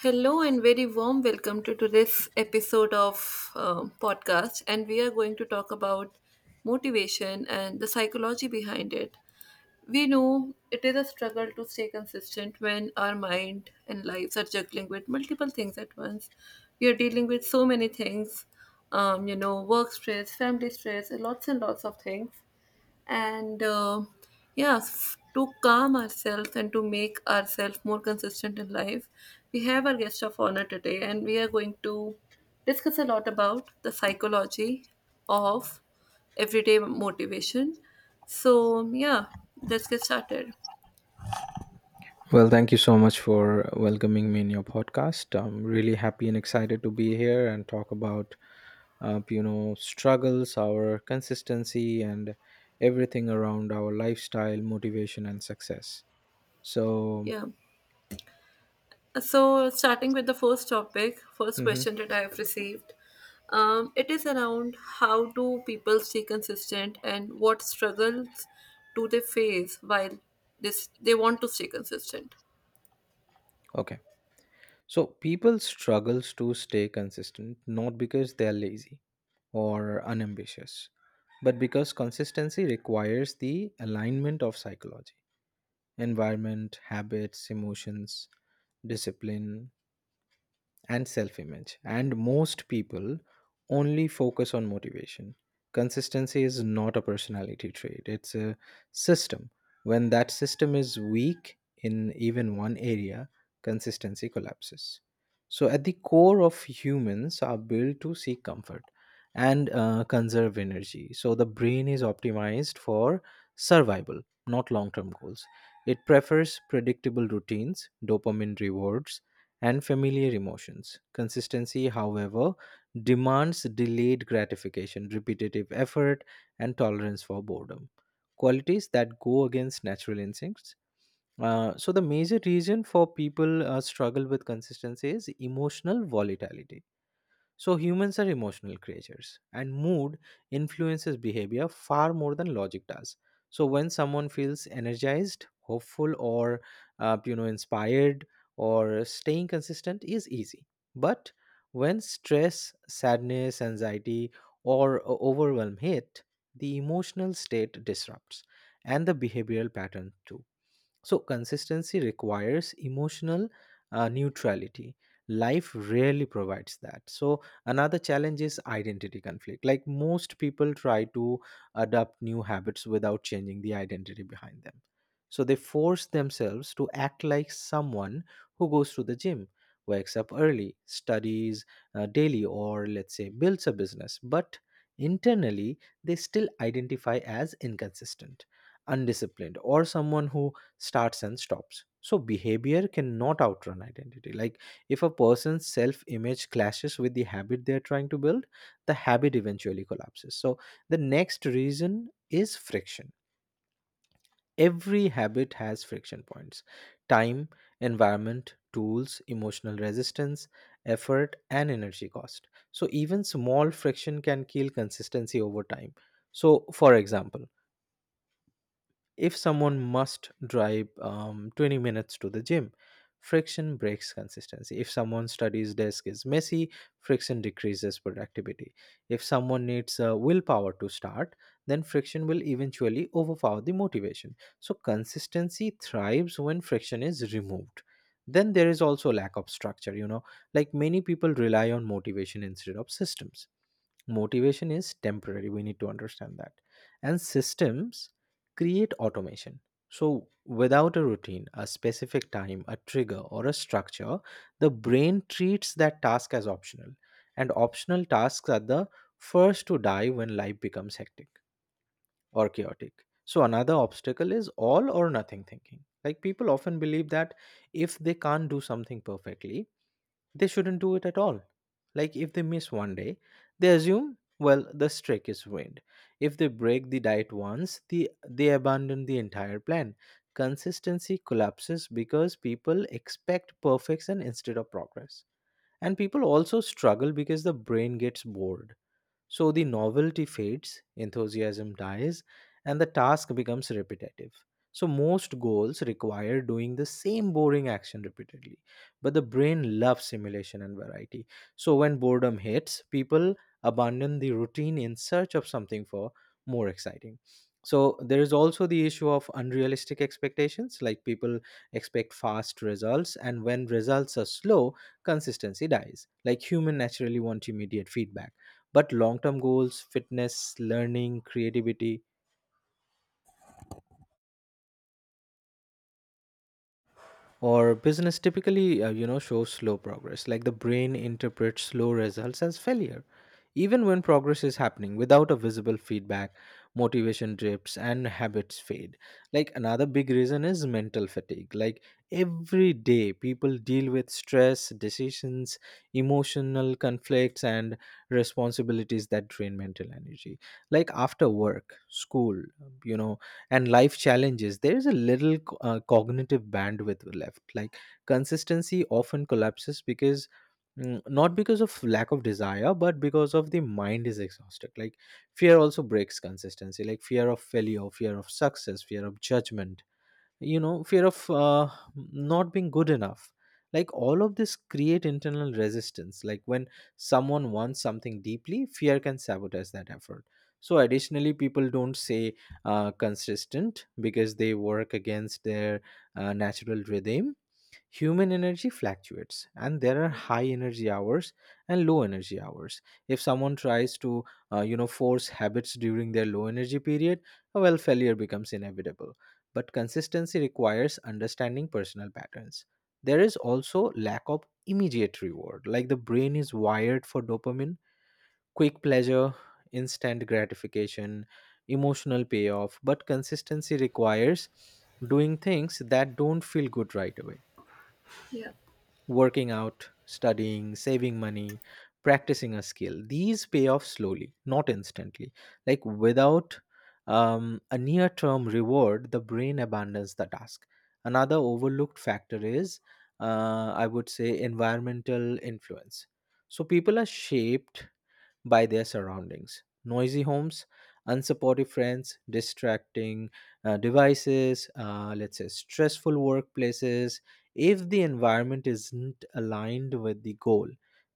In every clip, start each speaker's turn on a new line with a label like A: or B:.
A: Hello and very warm welcome to today's episode of podcast, and we are going to talk about motivation and the psychology behind it. We know it is a struggle to stay consistent when our mind and lives are juggling with multiple things at once. We are dealing with so many things, you know, work stress, family stress, lots and lots of things and yeah, to calm ourselves and to make ourselves more consistent in life we have our guest of honor today, and we are going to discuss a lot about the psychology of everyday motivation. So yeah, let's get started.
B: Well, thank you so much for welcoming me in your podcast. I'm really happy and excited to be here and talk about, you know, struggles, our consistency, and everything around our lifestyle, motivation, and success. So,
A: Yeah. So, starting with the first topic, first question
B: hmm
A: that I have received, it is around how do people stay consistent and what struggles do they face while this they want to stay consistent.
B: okay. So, people struggles to stay consistent not because they're lazy or unambitious, but because consistency requires the alignment of psychology, environment, habits, emotions, discipline and self image. And most people only focus on motivation. Consistency is not a personality trait, it's a system. When that system is weak in even one area, consistency collapses. So, at the core of humans are built to seek comfort and conserve energy. So, the brain is optimized for survival, not long term goals. It prefers predictable routines, dopamine rewards, and familiar emotions. Consistency, however, demands delayed gratification, repetitive effort, and tolerance for boredom. Qualities that go against natural instincts. So, the major reason for people struggle with consistency is emotional volatility, so humans are emotional creatures, and mood influences behavior far more than logic does. So when someone feels energized, hopeful, or you know, inspired, or staying consistent is easy. But when stress, sadness, anxiety, or overwhelm hit, the emotional state disrupts, and the behavioral pattern too. So, consistency requires emotional neutrality. Life rarely provides that. So, another challenge is identity conflict. Like most people try to adopt new habits without changing the identity behind them. So, they force themselves to act like someone who goes to the gym, wakes up early, studies daily, or let's say builds a business. But internally, they still identify as inconsistent, undisciplined, or someone who starts and stops. So behavior cannot outrun identity. Like if a person's self image clashes with the habit they're trying to build, the habit eventually collapses. So the next reason is friction. Every habit has friction points: time, environment, tools, emotional resistance, effort, and energy cost. So even small friction can kill consistency over time. So, for example, if someone must drive 20 minutes to the gym, friction breaks consistency. If someone's studies desk is messy, friction decreases productivity. If someone needs willpower to start, then friction will eventually overpower the motivation. So consistency thrives when friction is removed. Then there is also lack of structure, you know, like many people rely on motivation instead of systems. Motivation is temporary, we need to understand that, and systems create automation. So without a routine, a specific time, a trigger or a structure, the brain treats that task as optional, and optional tasks are the first to die when life becomes hectic or chaotic. So another obstacle is all or nothing thinking, like people often believe that if they can't do something perfectly, they shouldn't do it at all. Like if they miss one day, they assume, well, the streak is ruined. If they break the diet once, they abandon the entire plan. Consistency collapses because people expect perfection instead of progress. And people also struggle because the brain gets bored. So the novelty fades, enthusiasm dies, and the task becomes repetitive. So most goals require doing the same boring action repeatedly, but the brain loves simulation and variety. So when boredom hits, people abandon the routine in search of something for more exciting. So there is also the issue of unrealistic expectations, like people expect fast results, and when results are slow, consistency dies. Like human naturally want immediate feedback, but long-term goals, fitness, learning, creativity or business typically you know, show slow progress. Like the brain interprets slow results as failure. Even when progress is happening, without a visible feedback, motivation drips and habits fade. Like another big reason is mental fatigue. Like every day people deal with stress, decisions, emotional conflicts, and responsibilities that drain mental energy. Like after work, school, you know, and life challenges, there is a little cognitive bandwidth left. Like consistency often collapses because, not because of lack of desire, but because of the mind is exhausted. Like fear also breaks consistency, like fear of failure, fear of success, fear of judgment, you know, fear of not being good enough. Like all of this create internal resistance. Like when someone wants something deeply, fear can sabotage that effort. So additionally, people don't say consistent because they work against their natural rhythm. Human energy fluctuates, and there are high energy hours and low energy hours. If someone tries to, you know, force habits during their low energy period, well, failure becomes inevitable. But consistency requires understanding personal patterns. There is also lack of immediate reward, like the brain is wired for dopamine, quick pleasure, instant gratification, emotional payoff. But consistency requires doing things that don't feel good right away,
A: Yeah.
B: working out, studying, saving money, practicing a skill. These pay off slowly, not instantly. Like without a near term reward, the brain abandons the task. Another overlooked factor is, I would say, environmental influence. So people are shaped by their surroundings. Noisy homes, unsupportive friends, distracting devices, let's say stressful workplaces. If the environment isn't aligned with the goal,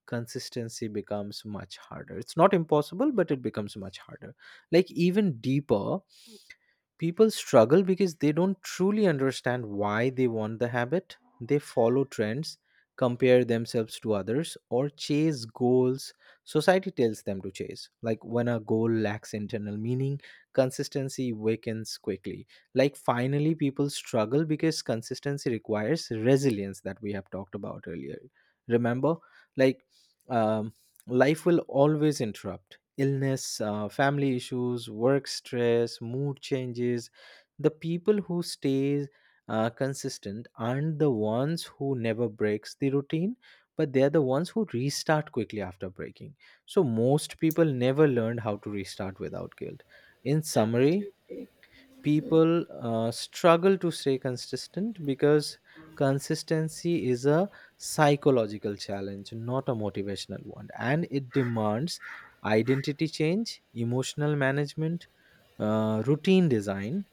B: consistency becomes much harder. It's not impossible, but it becomes much harder. Like, even deeper, people struggle because they don't truly understand why they want the habit. They follow trends, compare themselves to others, or chase goals society tells them to chase. Like when a goal lacks internal meaning, consistency weakens quickly. Like finally, people struggle because consistency requires resilience that we have talked about earlier. Remember, like um, life will always interrupt: illness, family issues, work stress, mood changes. The people who stay consistent aren't the ones who never breaks the routine, but they're the ones who restart quickly after breaking. So most people never learned how to restart without guilt. In summary, people struggle to stay consistent because consistency is a psychological challenge, not a motivational one, and it demands identity change, emotional management, routine design,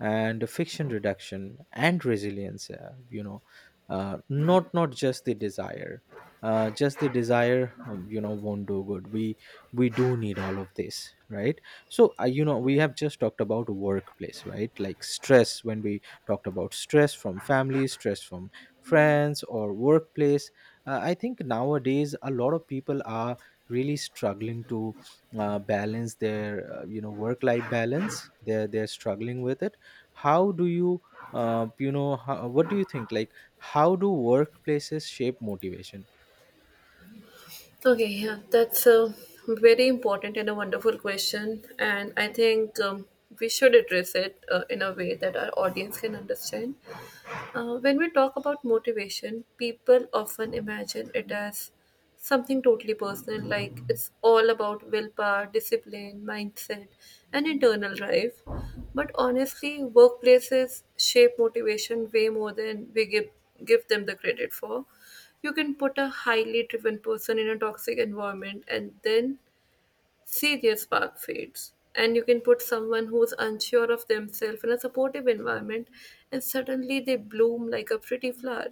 B: and friction reduction and resilience, you know, not just the desire, just the desire, you know, won't do good. We do need all of this, right? So you know, we have just talked about workplace, right? Like stress, when we talked about stress from family, stress from friends or workplace, I think nowadays a lot of people are really struggling to balance their, you know, work life balance. They're struggling with it. How do you, you know, what do you think, like how do workplaces shape motivation?
A: Okay. Yeah, that's a very important and a wonderful question, and I think we should address it in a way that our audience can understand. When we talk about motivation, people often imagine it as something totally personal, like it's all about willpower, discipline, mindset, and internal drive. But honestly, workplaces shape motivation way more than we give them the credit for. You can put a highly driven person in a toxic environment, and then see their spark fades. And you can put someone who's unsure of themselves in a supportive environment, and suddenly they bloom like a pretty flower.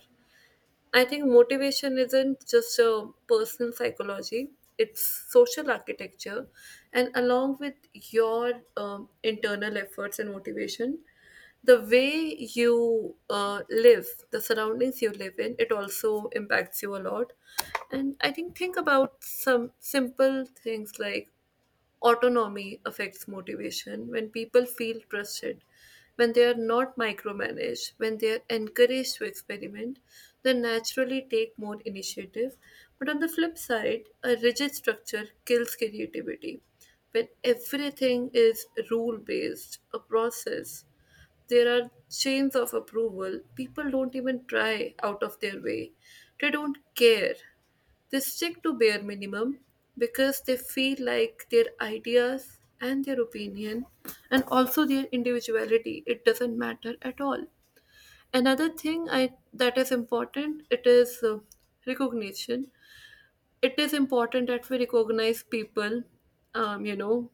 A: I think motivation isn't just a personal psychology, it's social architecture. And along with your internal efforts and motivation, the way you live, the surroundings you live in, it also impacts you a lot. And I think about some simple things like autonomy affects motivation when people feel trusted, when they are not micromanaged, when they are encouraged to experiment, they naturally take more initiative. But on the flip side, a rigid structure kills creativity. When everything is rule based, a process, there are chains of approval, people don't even try out of their way, they don't care, they stick to bare minimum, because they feel like their ideas and their opinion and also their individuality it doesn't matter at all. Another thing I that is important, it is recognition. It is important that we recognize people, you know,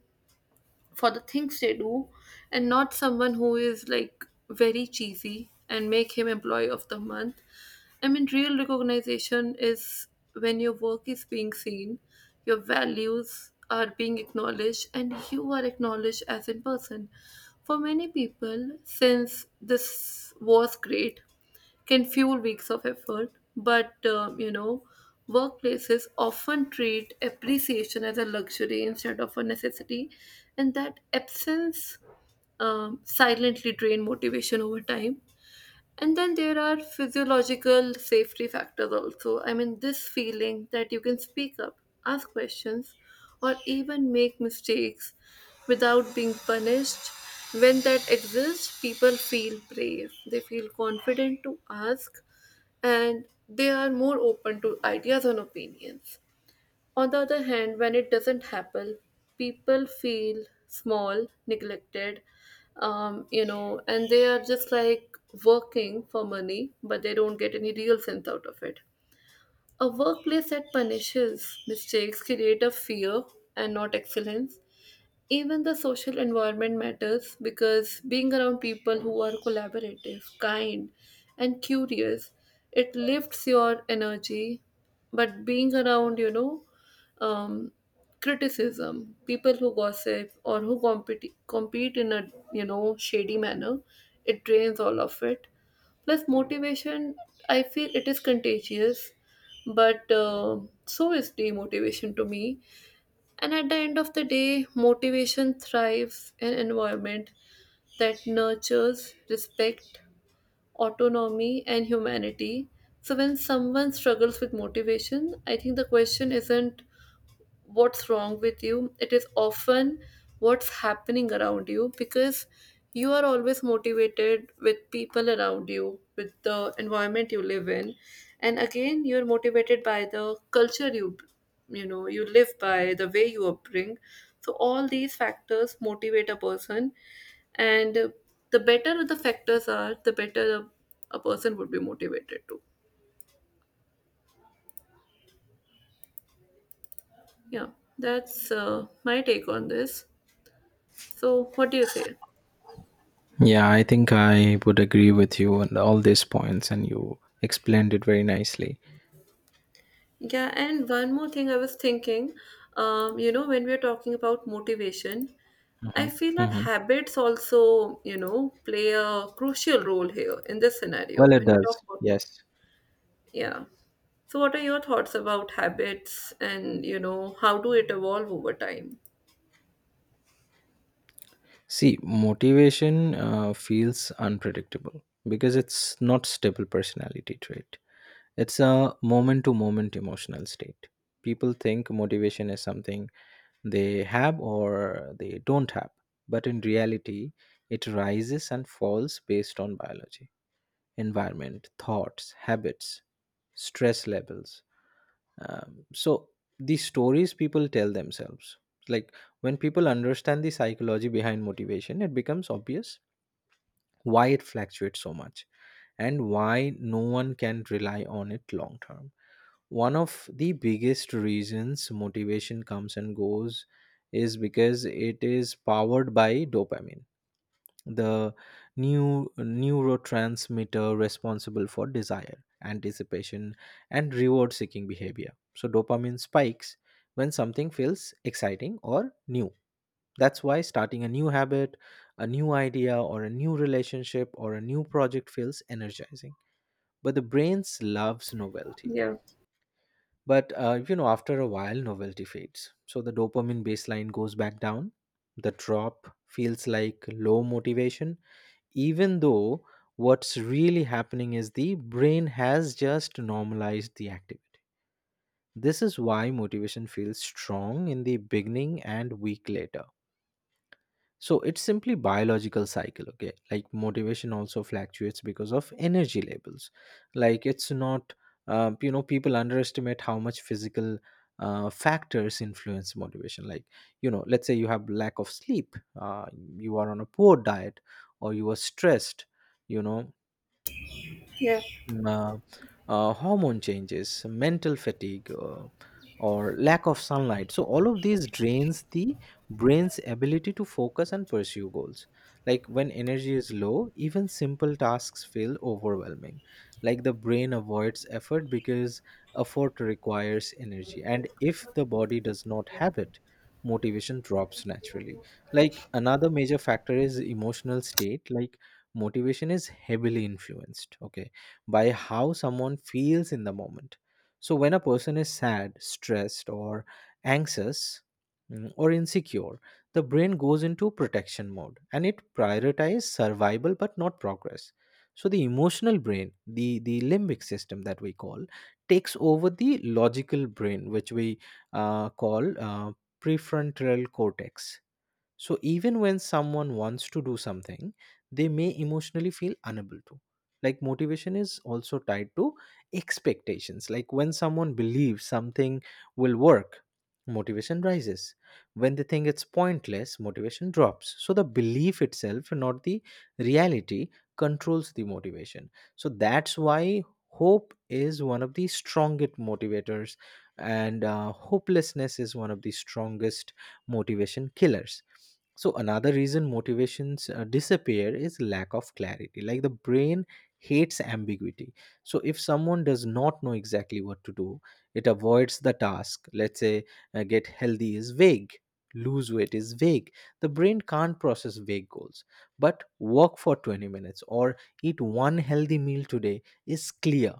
A: for the things they do, and not someone who is like very cheesy and make him employee of the month. I mean, real recognition is when your work is being seen, your values are being acknowledged, and you are acknowledged as in person. For many people, since this was great, can fuel weeks of effort. But, you know, workplaces often treat appreciation as a luxury instead of a necessity, and that absence silently drain motivation over time. And then there are physiological safety factors also. I mean, this feeling that you can speak up, ask questions, or even make mistakes without being punished. When that exists, people feel brave, they feel confident to ask, and they are more open to ideas and opinions. On the other hand, when it doesn't happen, people feel small, neglected, you know, and they are just like working for money, but they don't get any real sense out of it. A workplace that punishes mistakes create a fear and not excellence. Even the social environment matters, because being around people who are collaborative, kind, and curious, it lifts your energy. But being around, you know, um, criticism, people who gossip or who compete in a, you know, shady manner, it drains all of it. Plus, motivation, I feel it is contagious, but so is demotivation to me. And at the end of the day, motivation thrives in an environment that nurtures respect, autonomy, and humanity. So when someone struggles with motivation, I think the question isn't what's wrong with you. It is often what's happening around you, because you are always motivated with people around you, with the environment you live in. And again, you're motivated by the culture you know, you live by, the way you upbring. So all these factors motivate a person. And the better the factors are, the better a person would be motivated to. Yeah, that's my take on this. So, what do you say?
B: Yeah, I think I would agree with you on all these points, and you explained it very nicely.
A: Yeah, and one more thing I was thinking, you know, when we're talking about motivation, I
B: Mhm.
A: feel that
B: Mhm.
A: habits also, you know, play a crucial role here in this
B: Well,
A: scenario
B: it
A: when we
B: does.
A: talk about
B: Yes.
A: motivation. Yeah. So, what are your thoughts about habits and, you know, how do it evolve over time?
B: See, motivation feels unpredictable because it's not stable personality trait. It's a moment to moment emotional state. People think motivation is something they have or they don't have, but in reality, it rises and falls based on biology, environment, thoughts, habits, stress levels. So, the stories people tell themselves, like when people understand the psychology behind motivation, it becomes obvious why it fluctuates so much, and why no one can rely on it long term. One of the biggest reasons motivation comes and goes is because it is powered by dopamine, the new neurotransmitter responsible for desire, anticipation, and reward seeking behavior. So dopamine spikes when something feels exciting or new. That's why starting a new habit, a new idea, or a new relationship, or a new project feels energizing, but the brain loves novelty.
A: Yeah.
B: But you know, after a while, novelty fades. So the dopamine baseline goes back down. The drop feels like low motivation, even though what's really happening is the brain has just normalized the activity. This is why motivation feels strong in the beginning and weak later. So it's simply biological cycle. Okay, like motivation also fluctuates because of energy levels. Like it's not, you know, people underestimate how much physical factors influence motivation. Like, you know, let's say you have lack of sleep, you are on a poor diet, or you are stressed, you know,
A: Yeah.
B: uh, hormone changes, mental fatigue, or lack of sunlight. So, all of these drains the brain's ability to focus and pursue goals. Like when energy is low, even simple tasks feel overwhelming. Like the brain avoids effort because effort requires energy. And if the body does not have it, motivation drops naturally. Like another major factor is emotional state. Like motivation is heavily influenced, okay, by how someone feels in the moment. So, when a person is sad, stressed, or anxious, or insecure, the brain goes into protection mode and it prioritizes survival but not progress. So, the emotional brain, the limbic system that we call, takes over the logical brain, which we call prefrontal cortex, so even when someone wants to do something, they may emotionally feel unable to. Like motivation is also tied to expectations. Like when someone believes something will work, motivation rises. When they think it's pointless, motivation drops. So the belief itself, not the reality, controls the motivation. So that's why hope is one of the strongest motivators and hopelessness is one of the strongest motivation killers. So another reason motivations disappear is lack of clarity. Like the brain hates ambiguity. So if someone does not know exactly what to do, it avoids the task. Let's say get healthy is vague, lose weight is vague. The brain can't process vague goals. But work for 20 minutes or eat one healthy meal today is clear.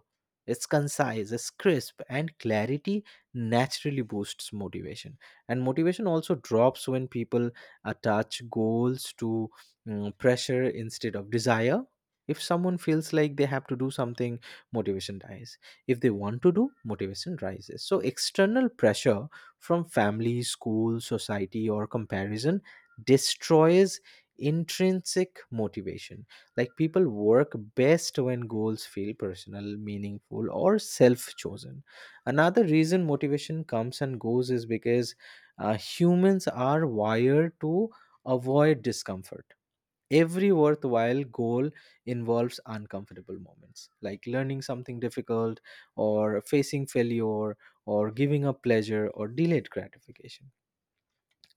B: It's concise, it's crisp, and clarity naturally boosts motivation. And motivation also drops when people attach goals to pressure instead of desire. If someone feels like they have to do something, motivation dies. If they want to do, motivation rises. So external pressure from family, school, society, or comparison destroys intrinsic motivation. Like people work best when goals feel personal, meaningful, or self chosen. Another reason motivation comes and goes is because humans are wired to avoid discomfort. Every worthwhile goal involves uncomfortable moments, like learning something difficult, or facing failure, or giving up pleasure, or delayed gratification.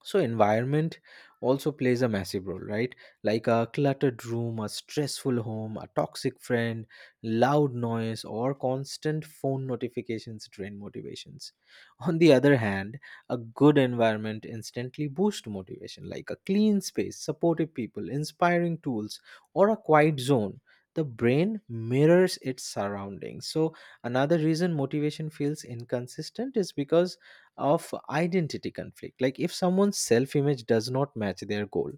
B: So environment also plays a massive role, right? Like a cluttered room, a stressful home, a toxic friend, loud noise, or constant phone notifications drain motivations. On the other hand, a good environment instantly boosts motivation, like a clean space, supportive people, inspiring tools, or a quiet zone. The brain mirrors its surroundings. So another reason motivation feels inconsistent is because of identity conflict. Like if someone's self image does not match their goal.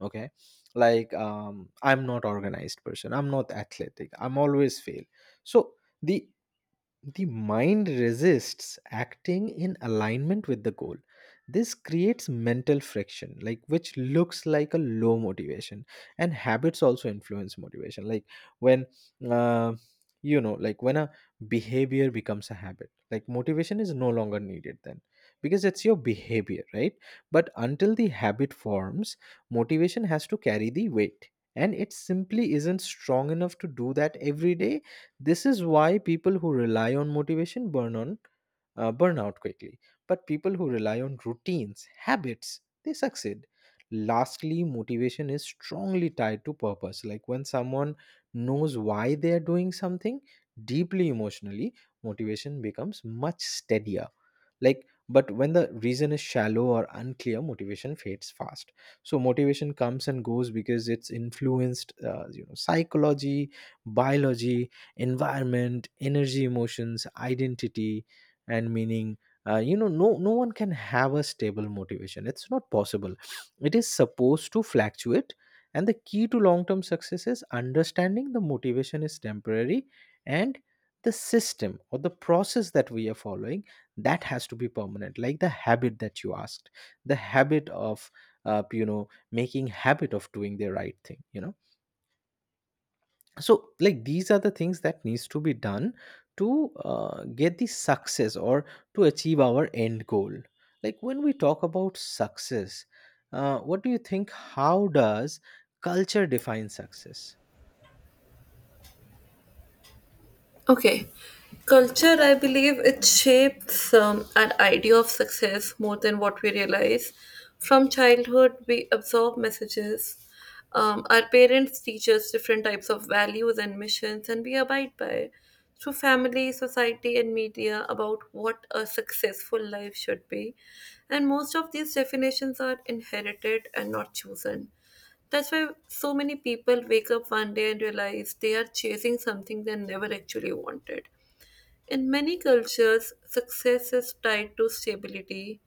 B: Okay, like I'm not organized person, I'm not athletic, I'm always fail. So the the mind resists acting in alignment with the goal. This creates mental friction, like which looks like a low motivation. And habits also influence motivation. Like when uh, when a behavior becomes a habit, like motivation is no longer needed then, because it's your behavior, right? But until the habit forms, motivation has to carry the weight, and it simply isn't strong enough to do that every day. This is why people who rely on motivation burn out quickly. But people who rely on routines, habits, they succeed. Lastly, motivation is strongly tied to purpose. Like when someone knows why they are doing something, deeply emotionally, motivation becomes much steadier. Like but when the reason is shallow or unclear, motivation fades fast. So motivation comes and goes because it's influenced psychology, biology, environment, energy, emotions, identity, and meaning. No no one can have a stable motivation, it's not possible. It is supposed to fluctuate. And the key to long term success is understanding the motivation is temporary, and the system or the process that we are following, that has to be permanent. Like the habit that you asked, the habit of, making habit of doing the right thing, you know. So like these are the things that needs to be done to get the success or to achieve our end goal. Like when we talk about success, what do you think, how does culture define success?
A: Okay. Culture, I believe it shapes an idea of success more than what we realize. From childhood, we absorb messages. Our parents teach us different types of values and missions, and we abide by it. Through family, society, and media, about what a successful life should be. And most of these definitions are inherited and not chosen. That's why so many people wake up one day and realize they are chasing something they never actually wanted. In many cultures, success is tied to stability,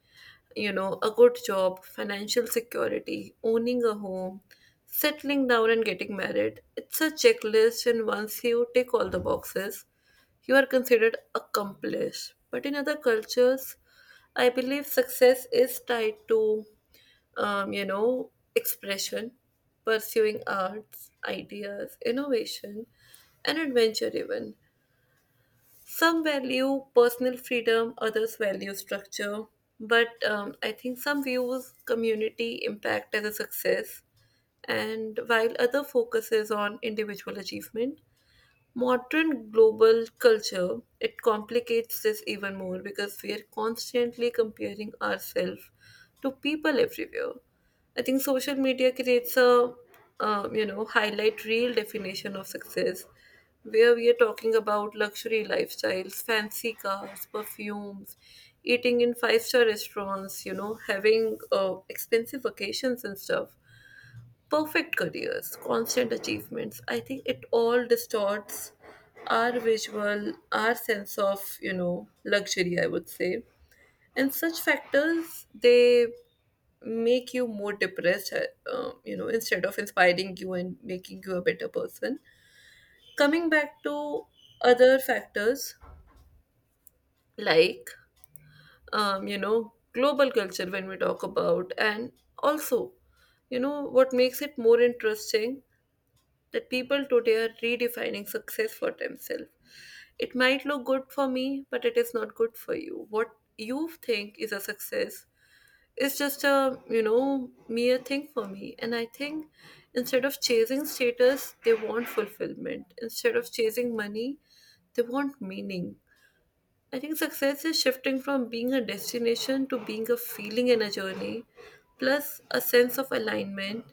A: you know, a good job, financial security, owning a home, settling down and getting married. It's a checklist, and once you tick all the boxes, you are considered accomplished. But in other cultures, I believe success is tied to you know, expression, pursuing arts, ideas, innovation, and adventure, even. Some value personal freedom, others value structure, but I think some views community impact as a success, and while other focuses on individual achievement. Modern global culture, it complicates this even more, because we are constantly comparing ourselves to people everywhere. I think social media creates a, you know, highlight real definition of success, where we are talking about luxury lifestyles, fancy cars, perfumes, eating in five-star restaurants, you know, having expensive vacations and stuff, perfect careers, constant achievements. I think it all distorts our visual, our sense of, you know, luxury, I would say. And such factors, they make you more depressed, you know, instead of inspiring you and making you a better person. Coming back to other factors like, you know, global culture when we talk about, and also, you know, what makes it more interesting that people today are redefining success for themselves. It might look good for me, but it is not good for you. What you think is a success is just a, you know, mere thing for me. And I think instead of chasing status, they want fulfillment. Instead of chasing money, they want meaning. I think success is shifting from being a destination to being a feeling and a journey, plus a sense of alignment.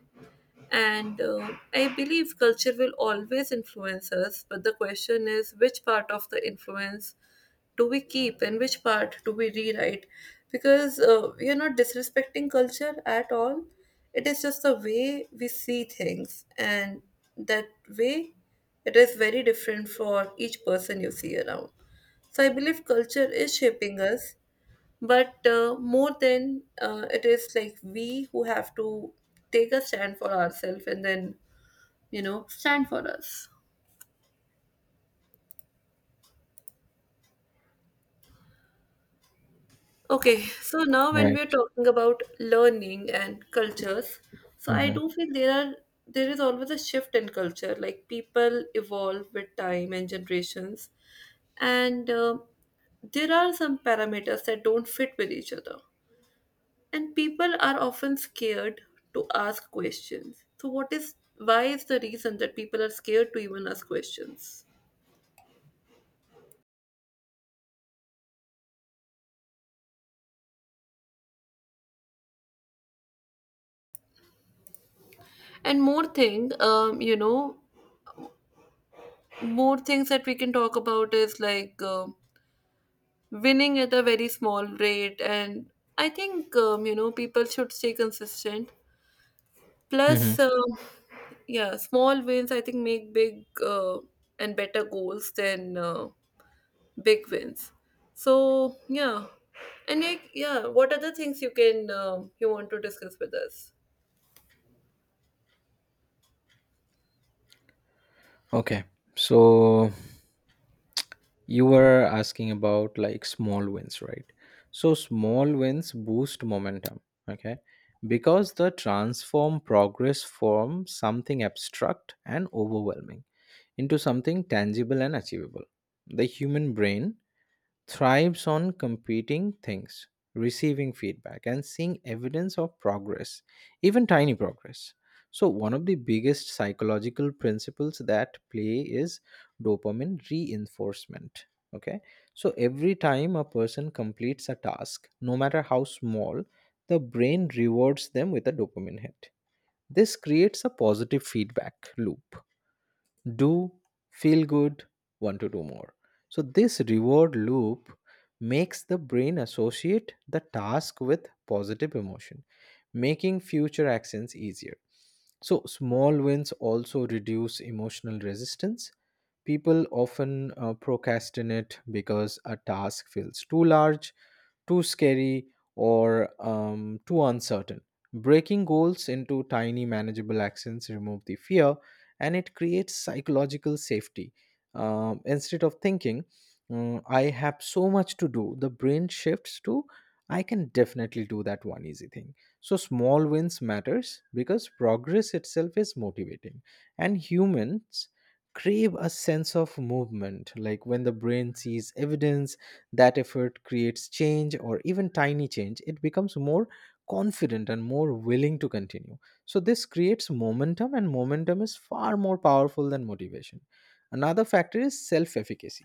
A: And I believe culture will always influence us, but the question is which part of the influence do we keep and which part do we rewrite? Because we are not disrespecting culture at all. It is just the way we see things, and that way it is very different for each person you see around. So I believe culture is shaping us, but more than it is like we who have to take a stand for ourselves and then, you know, stand for us. Okay, so now when we're
B: Right.
A: talking about learning and cultures, so I
B: Hmm.
A: do feel there is always a shift in culture. Like people evolve with time and generations, and there are some parameters that don't fit with each other. And people are often scared to ask questions. So what is, why is the reason that people are scared to even ask questions? And more thing, you know, more things that we can talk about is like, winning at a very small rate. And I think, you know, people should stay consistent,
B: Hmm.
A: plus, yeah, small wins, I think, make big and better goals than big wins. So yeah, and like, yeah, what other things you can, you want to discuss with us.
B: Okay, so you were asking about like small wins, right? So small wins boost momentum, okay? Because they transform progress from something abstract and overwhelming into something tangible and achievable. The human brain thrives on competing things, receiving feedback, and seeing evidence of progress, even tiny progress. So, one of the biggest psychological principles that play is dopamine reinforcement. Okay, so every time a person completes a task, no matter how small, the brain rewards them with a dopamine hit. This creates a positive feedback loop: do, feel good, want to do more. So, this reward loop makes the brain associate the task with positive emotion, making future actions easier. So, small wins also reduce emotional resistance. People often procrastinate because a task feels too large, too scary, or too uncertain. Breaking goals into tiny, manageable actions remove the fear and it creates psychological safety. Instead of thinking, I have so much to do," the brain shifts to "I can definitely do that one easy thing." So small wins matters because progress itself is motivating, and humans crave a sense of movement. Like when the brain sees evidence that effort creates change, or even tiny change, it becomes more confident and more willing to continue. So, this creates momentum, and momentum is far more powerful than motivation. Another factor is self efficacy.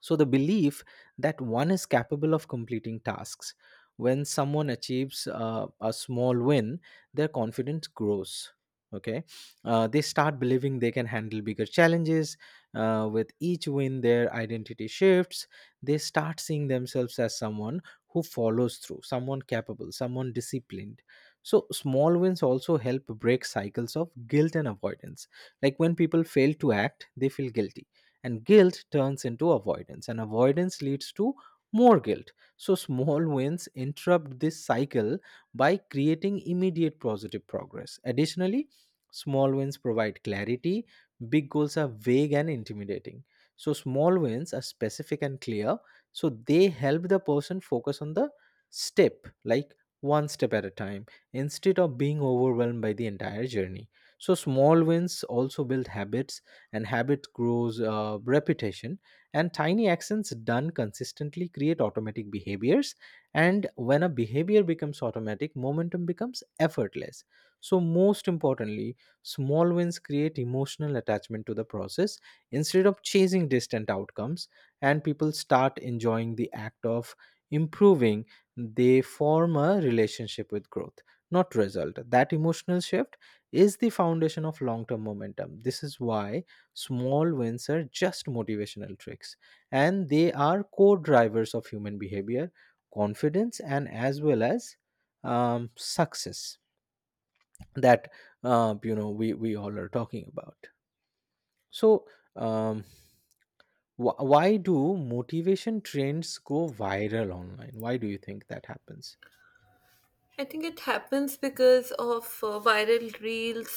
B: So, the belief that one is capable of completing tasks. When someone achieves a small win, their confidence grows. Okay. They start believing they can handle bigger challenges. With each win, their identity shifts. They start seeing themselves as someone who follows through, someone capable, someone disciplined. So, small wins also help break cycles of guilt and avoidance. Like when people fail to act, they feel guilty, and guilt turns into avoidance, and avoidance leads to more guilt. So small wins interrupt this cycle by creating immediate positive progress. Additionally, small wins provide clarity. Big goals are vague and intimidating, so small wins are specific and clear. So they help the person focus on the step, like one step at a time, instead of being overwhelmed by the entire journey. So small wins also build habits, and habit grows repetition, and tiny actions done consistently create automatic behaviors. And when a behavior becomes automatic, momentum becomes effortless. So most importantly, small wins create emotional attachment to the process instead of chasing distant outcomes. And people start enjoying the act of improving. They form a relationship with growth, not result. That emotional shift is the foundation of long term momentum. This is why small wins are just motivational tricks, and they are core drivers of human behavior, confidence, and as well as success that we all are talking about. So, um, why do motivation trends go viral online? Why do you think that happens?
A: I think it happens because of viral reels,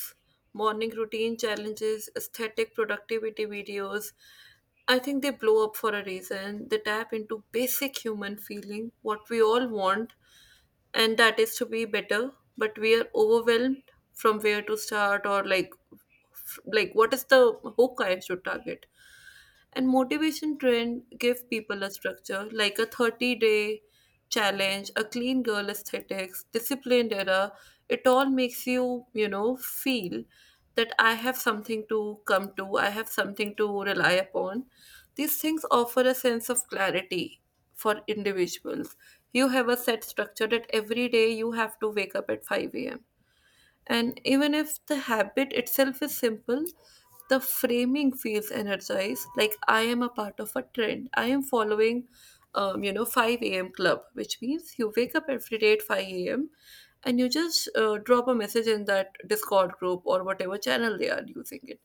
A: morning routine challenges, aesthetic productivity videos. I think they blow up for a reason. They tap into basic human feeling what we all want, and that is to be better. But we are overwhelmed from where to start, or like, like what is the hook I should target. And motivation trend give people a structure like a 30-day day challenge, a clean girl aesthetics, disciplined era. It all makes you, you know, feel that I have something to come to, I have something to rely upon. These things offer a sense of clarity for individuals. You have a set structure that every day you have to wake up at 5 a.m. And even if the habit itself is simple, the framing feels energized. Like I am a part of a trend. I am following, 5 a.m. club, which means you wake up every day at 5 a.m. and you just drop a message in that Discord group or whatever channel they are using it.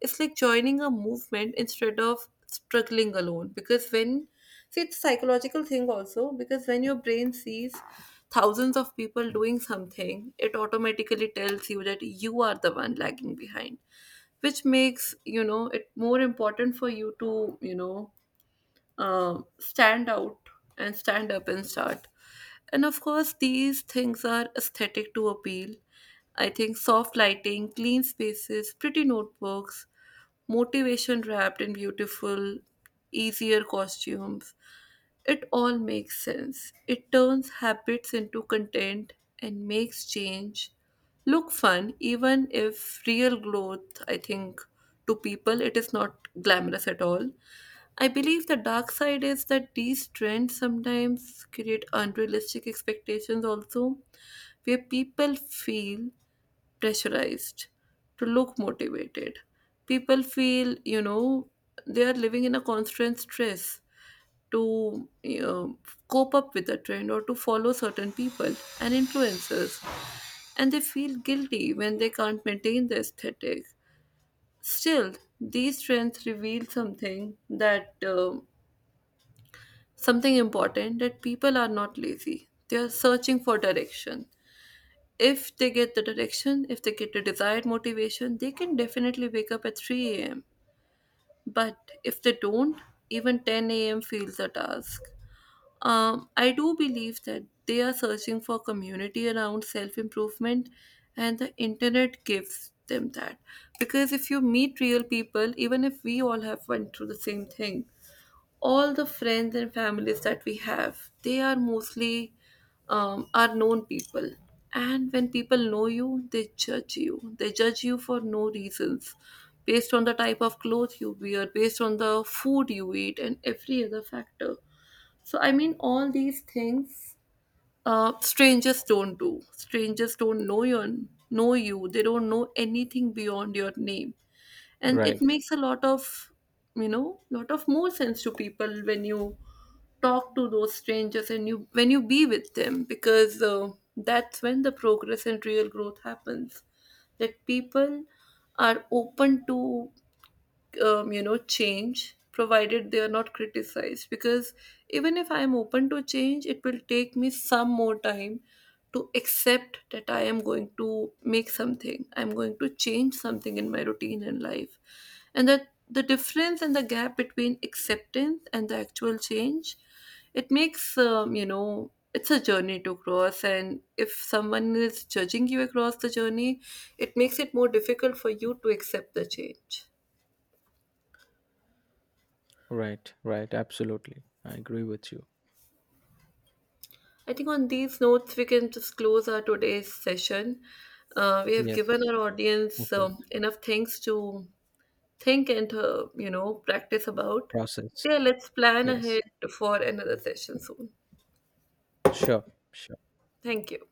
A: It's like joining a movement instead of struggling alone. Because when— see, it's a psychological thing also, because when your brain sees thousands of people doing something, it automatically tells you that you are the one lagging behind, which makes it more important for you to stand out and stand up and start. And of course these things are aesthetic to appeal. I think soft lighting, clean spaces, pretty notebooks, motivation wrapped in beautiful, easier costumes. It all makes sense. It turns habits into content and makes change look fun, even if real growth, I think, to people, it is not glamorous at all. I believe the dark side is that these trends sometimes create unrealistic expectations, also, where people feel pressurized to look motivated. People feel, you know, they are living in a constant stress to cope up with a trend or to follow certain people and influencers, and they feel guilty when they can't maintain the aesthetic. Still, these trends reveal something that something important, that people are not lazy. They are searching for direction. If they get the direction, if they get the desired motivation, they can definitely wake up at 3 a.m. But if they don't, even 10 a.m. feels a task. I do believe that they are searching for community around self improvement, and the internet gives them that. Because if you meet real people, even if we all have went through the same thing, all the friends and families that we have, they are mostly are known people. And when people know you, they judge you. They judge you for no reasons, based on the type of clothes you wear, based on the food you eat, and every other factor. So, I mean, all these things strangers don't do. Strangers don't know your know you. They don't know anything beyond your name, and it
B: Right.
A: makes a lot of lot of more sense to people when you talk to those strangers and you when you be with them, because that's when the progress and real growth happens, that people are open to change, provided they are not criticized. Because even if I am open to change, it will take me some more time to accept that I am going to make something, I'm going to change something in my routine and life. And that the difference and the gap between acceptance and the actual change, it makes it's a journey to cross, and if someone is judging you across the journey, it makes it more difficult for you to accept the change.
B: Right, right, absolutely. I agree with you.
A: I think on these notes, we can just close our today's session. We have given
B: Yes,
A: our
B: of
A: audience
B: course.
A: enough things to think and, practice about.
B: Process.
A: So, yeah, let's plan
B: Yes,
A: ahead for another session soon.
B: sure. Sure.
A: Thank you.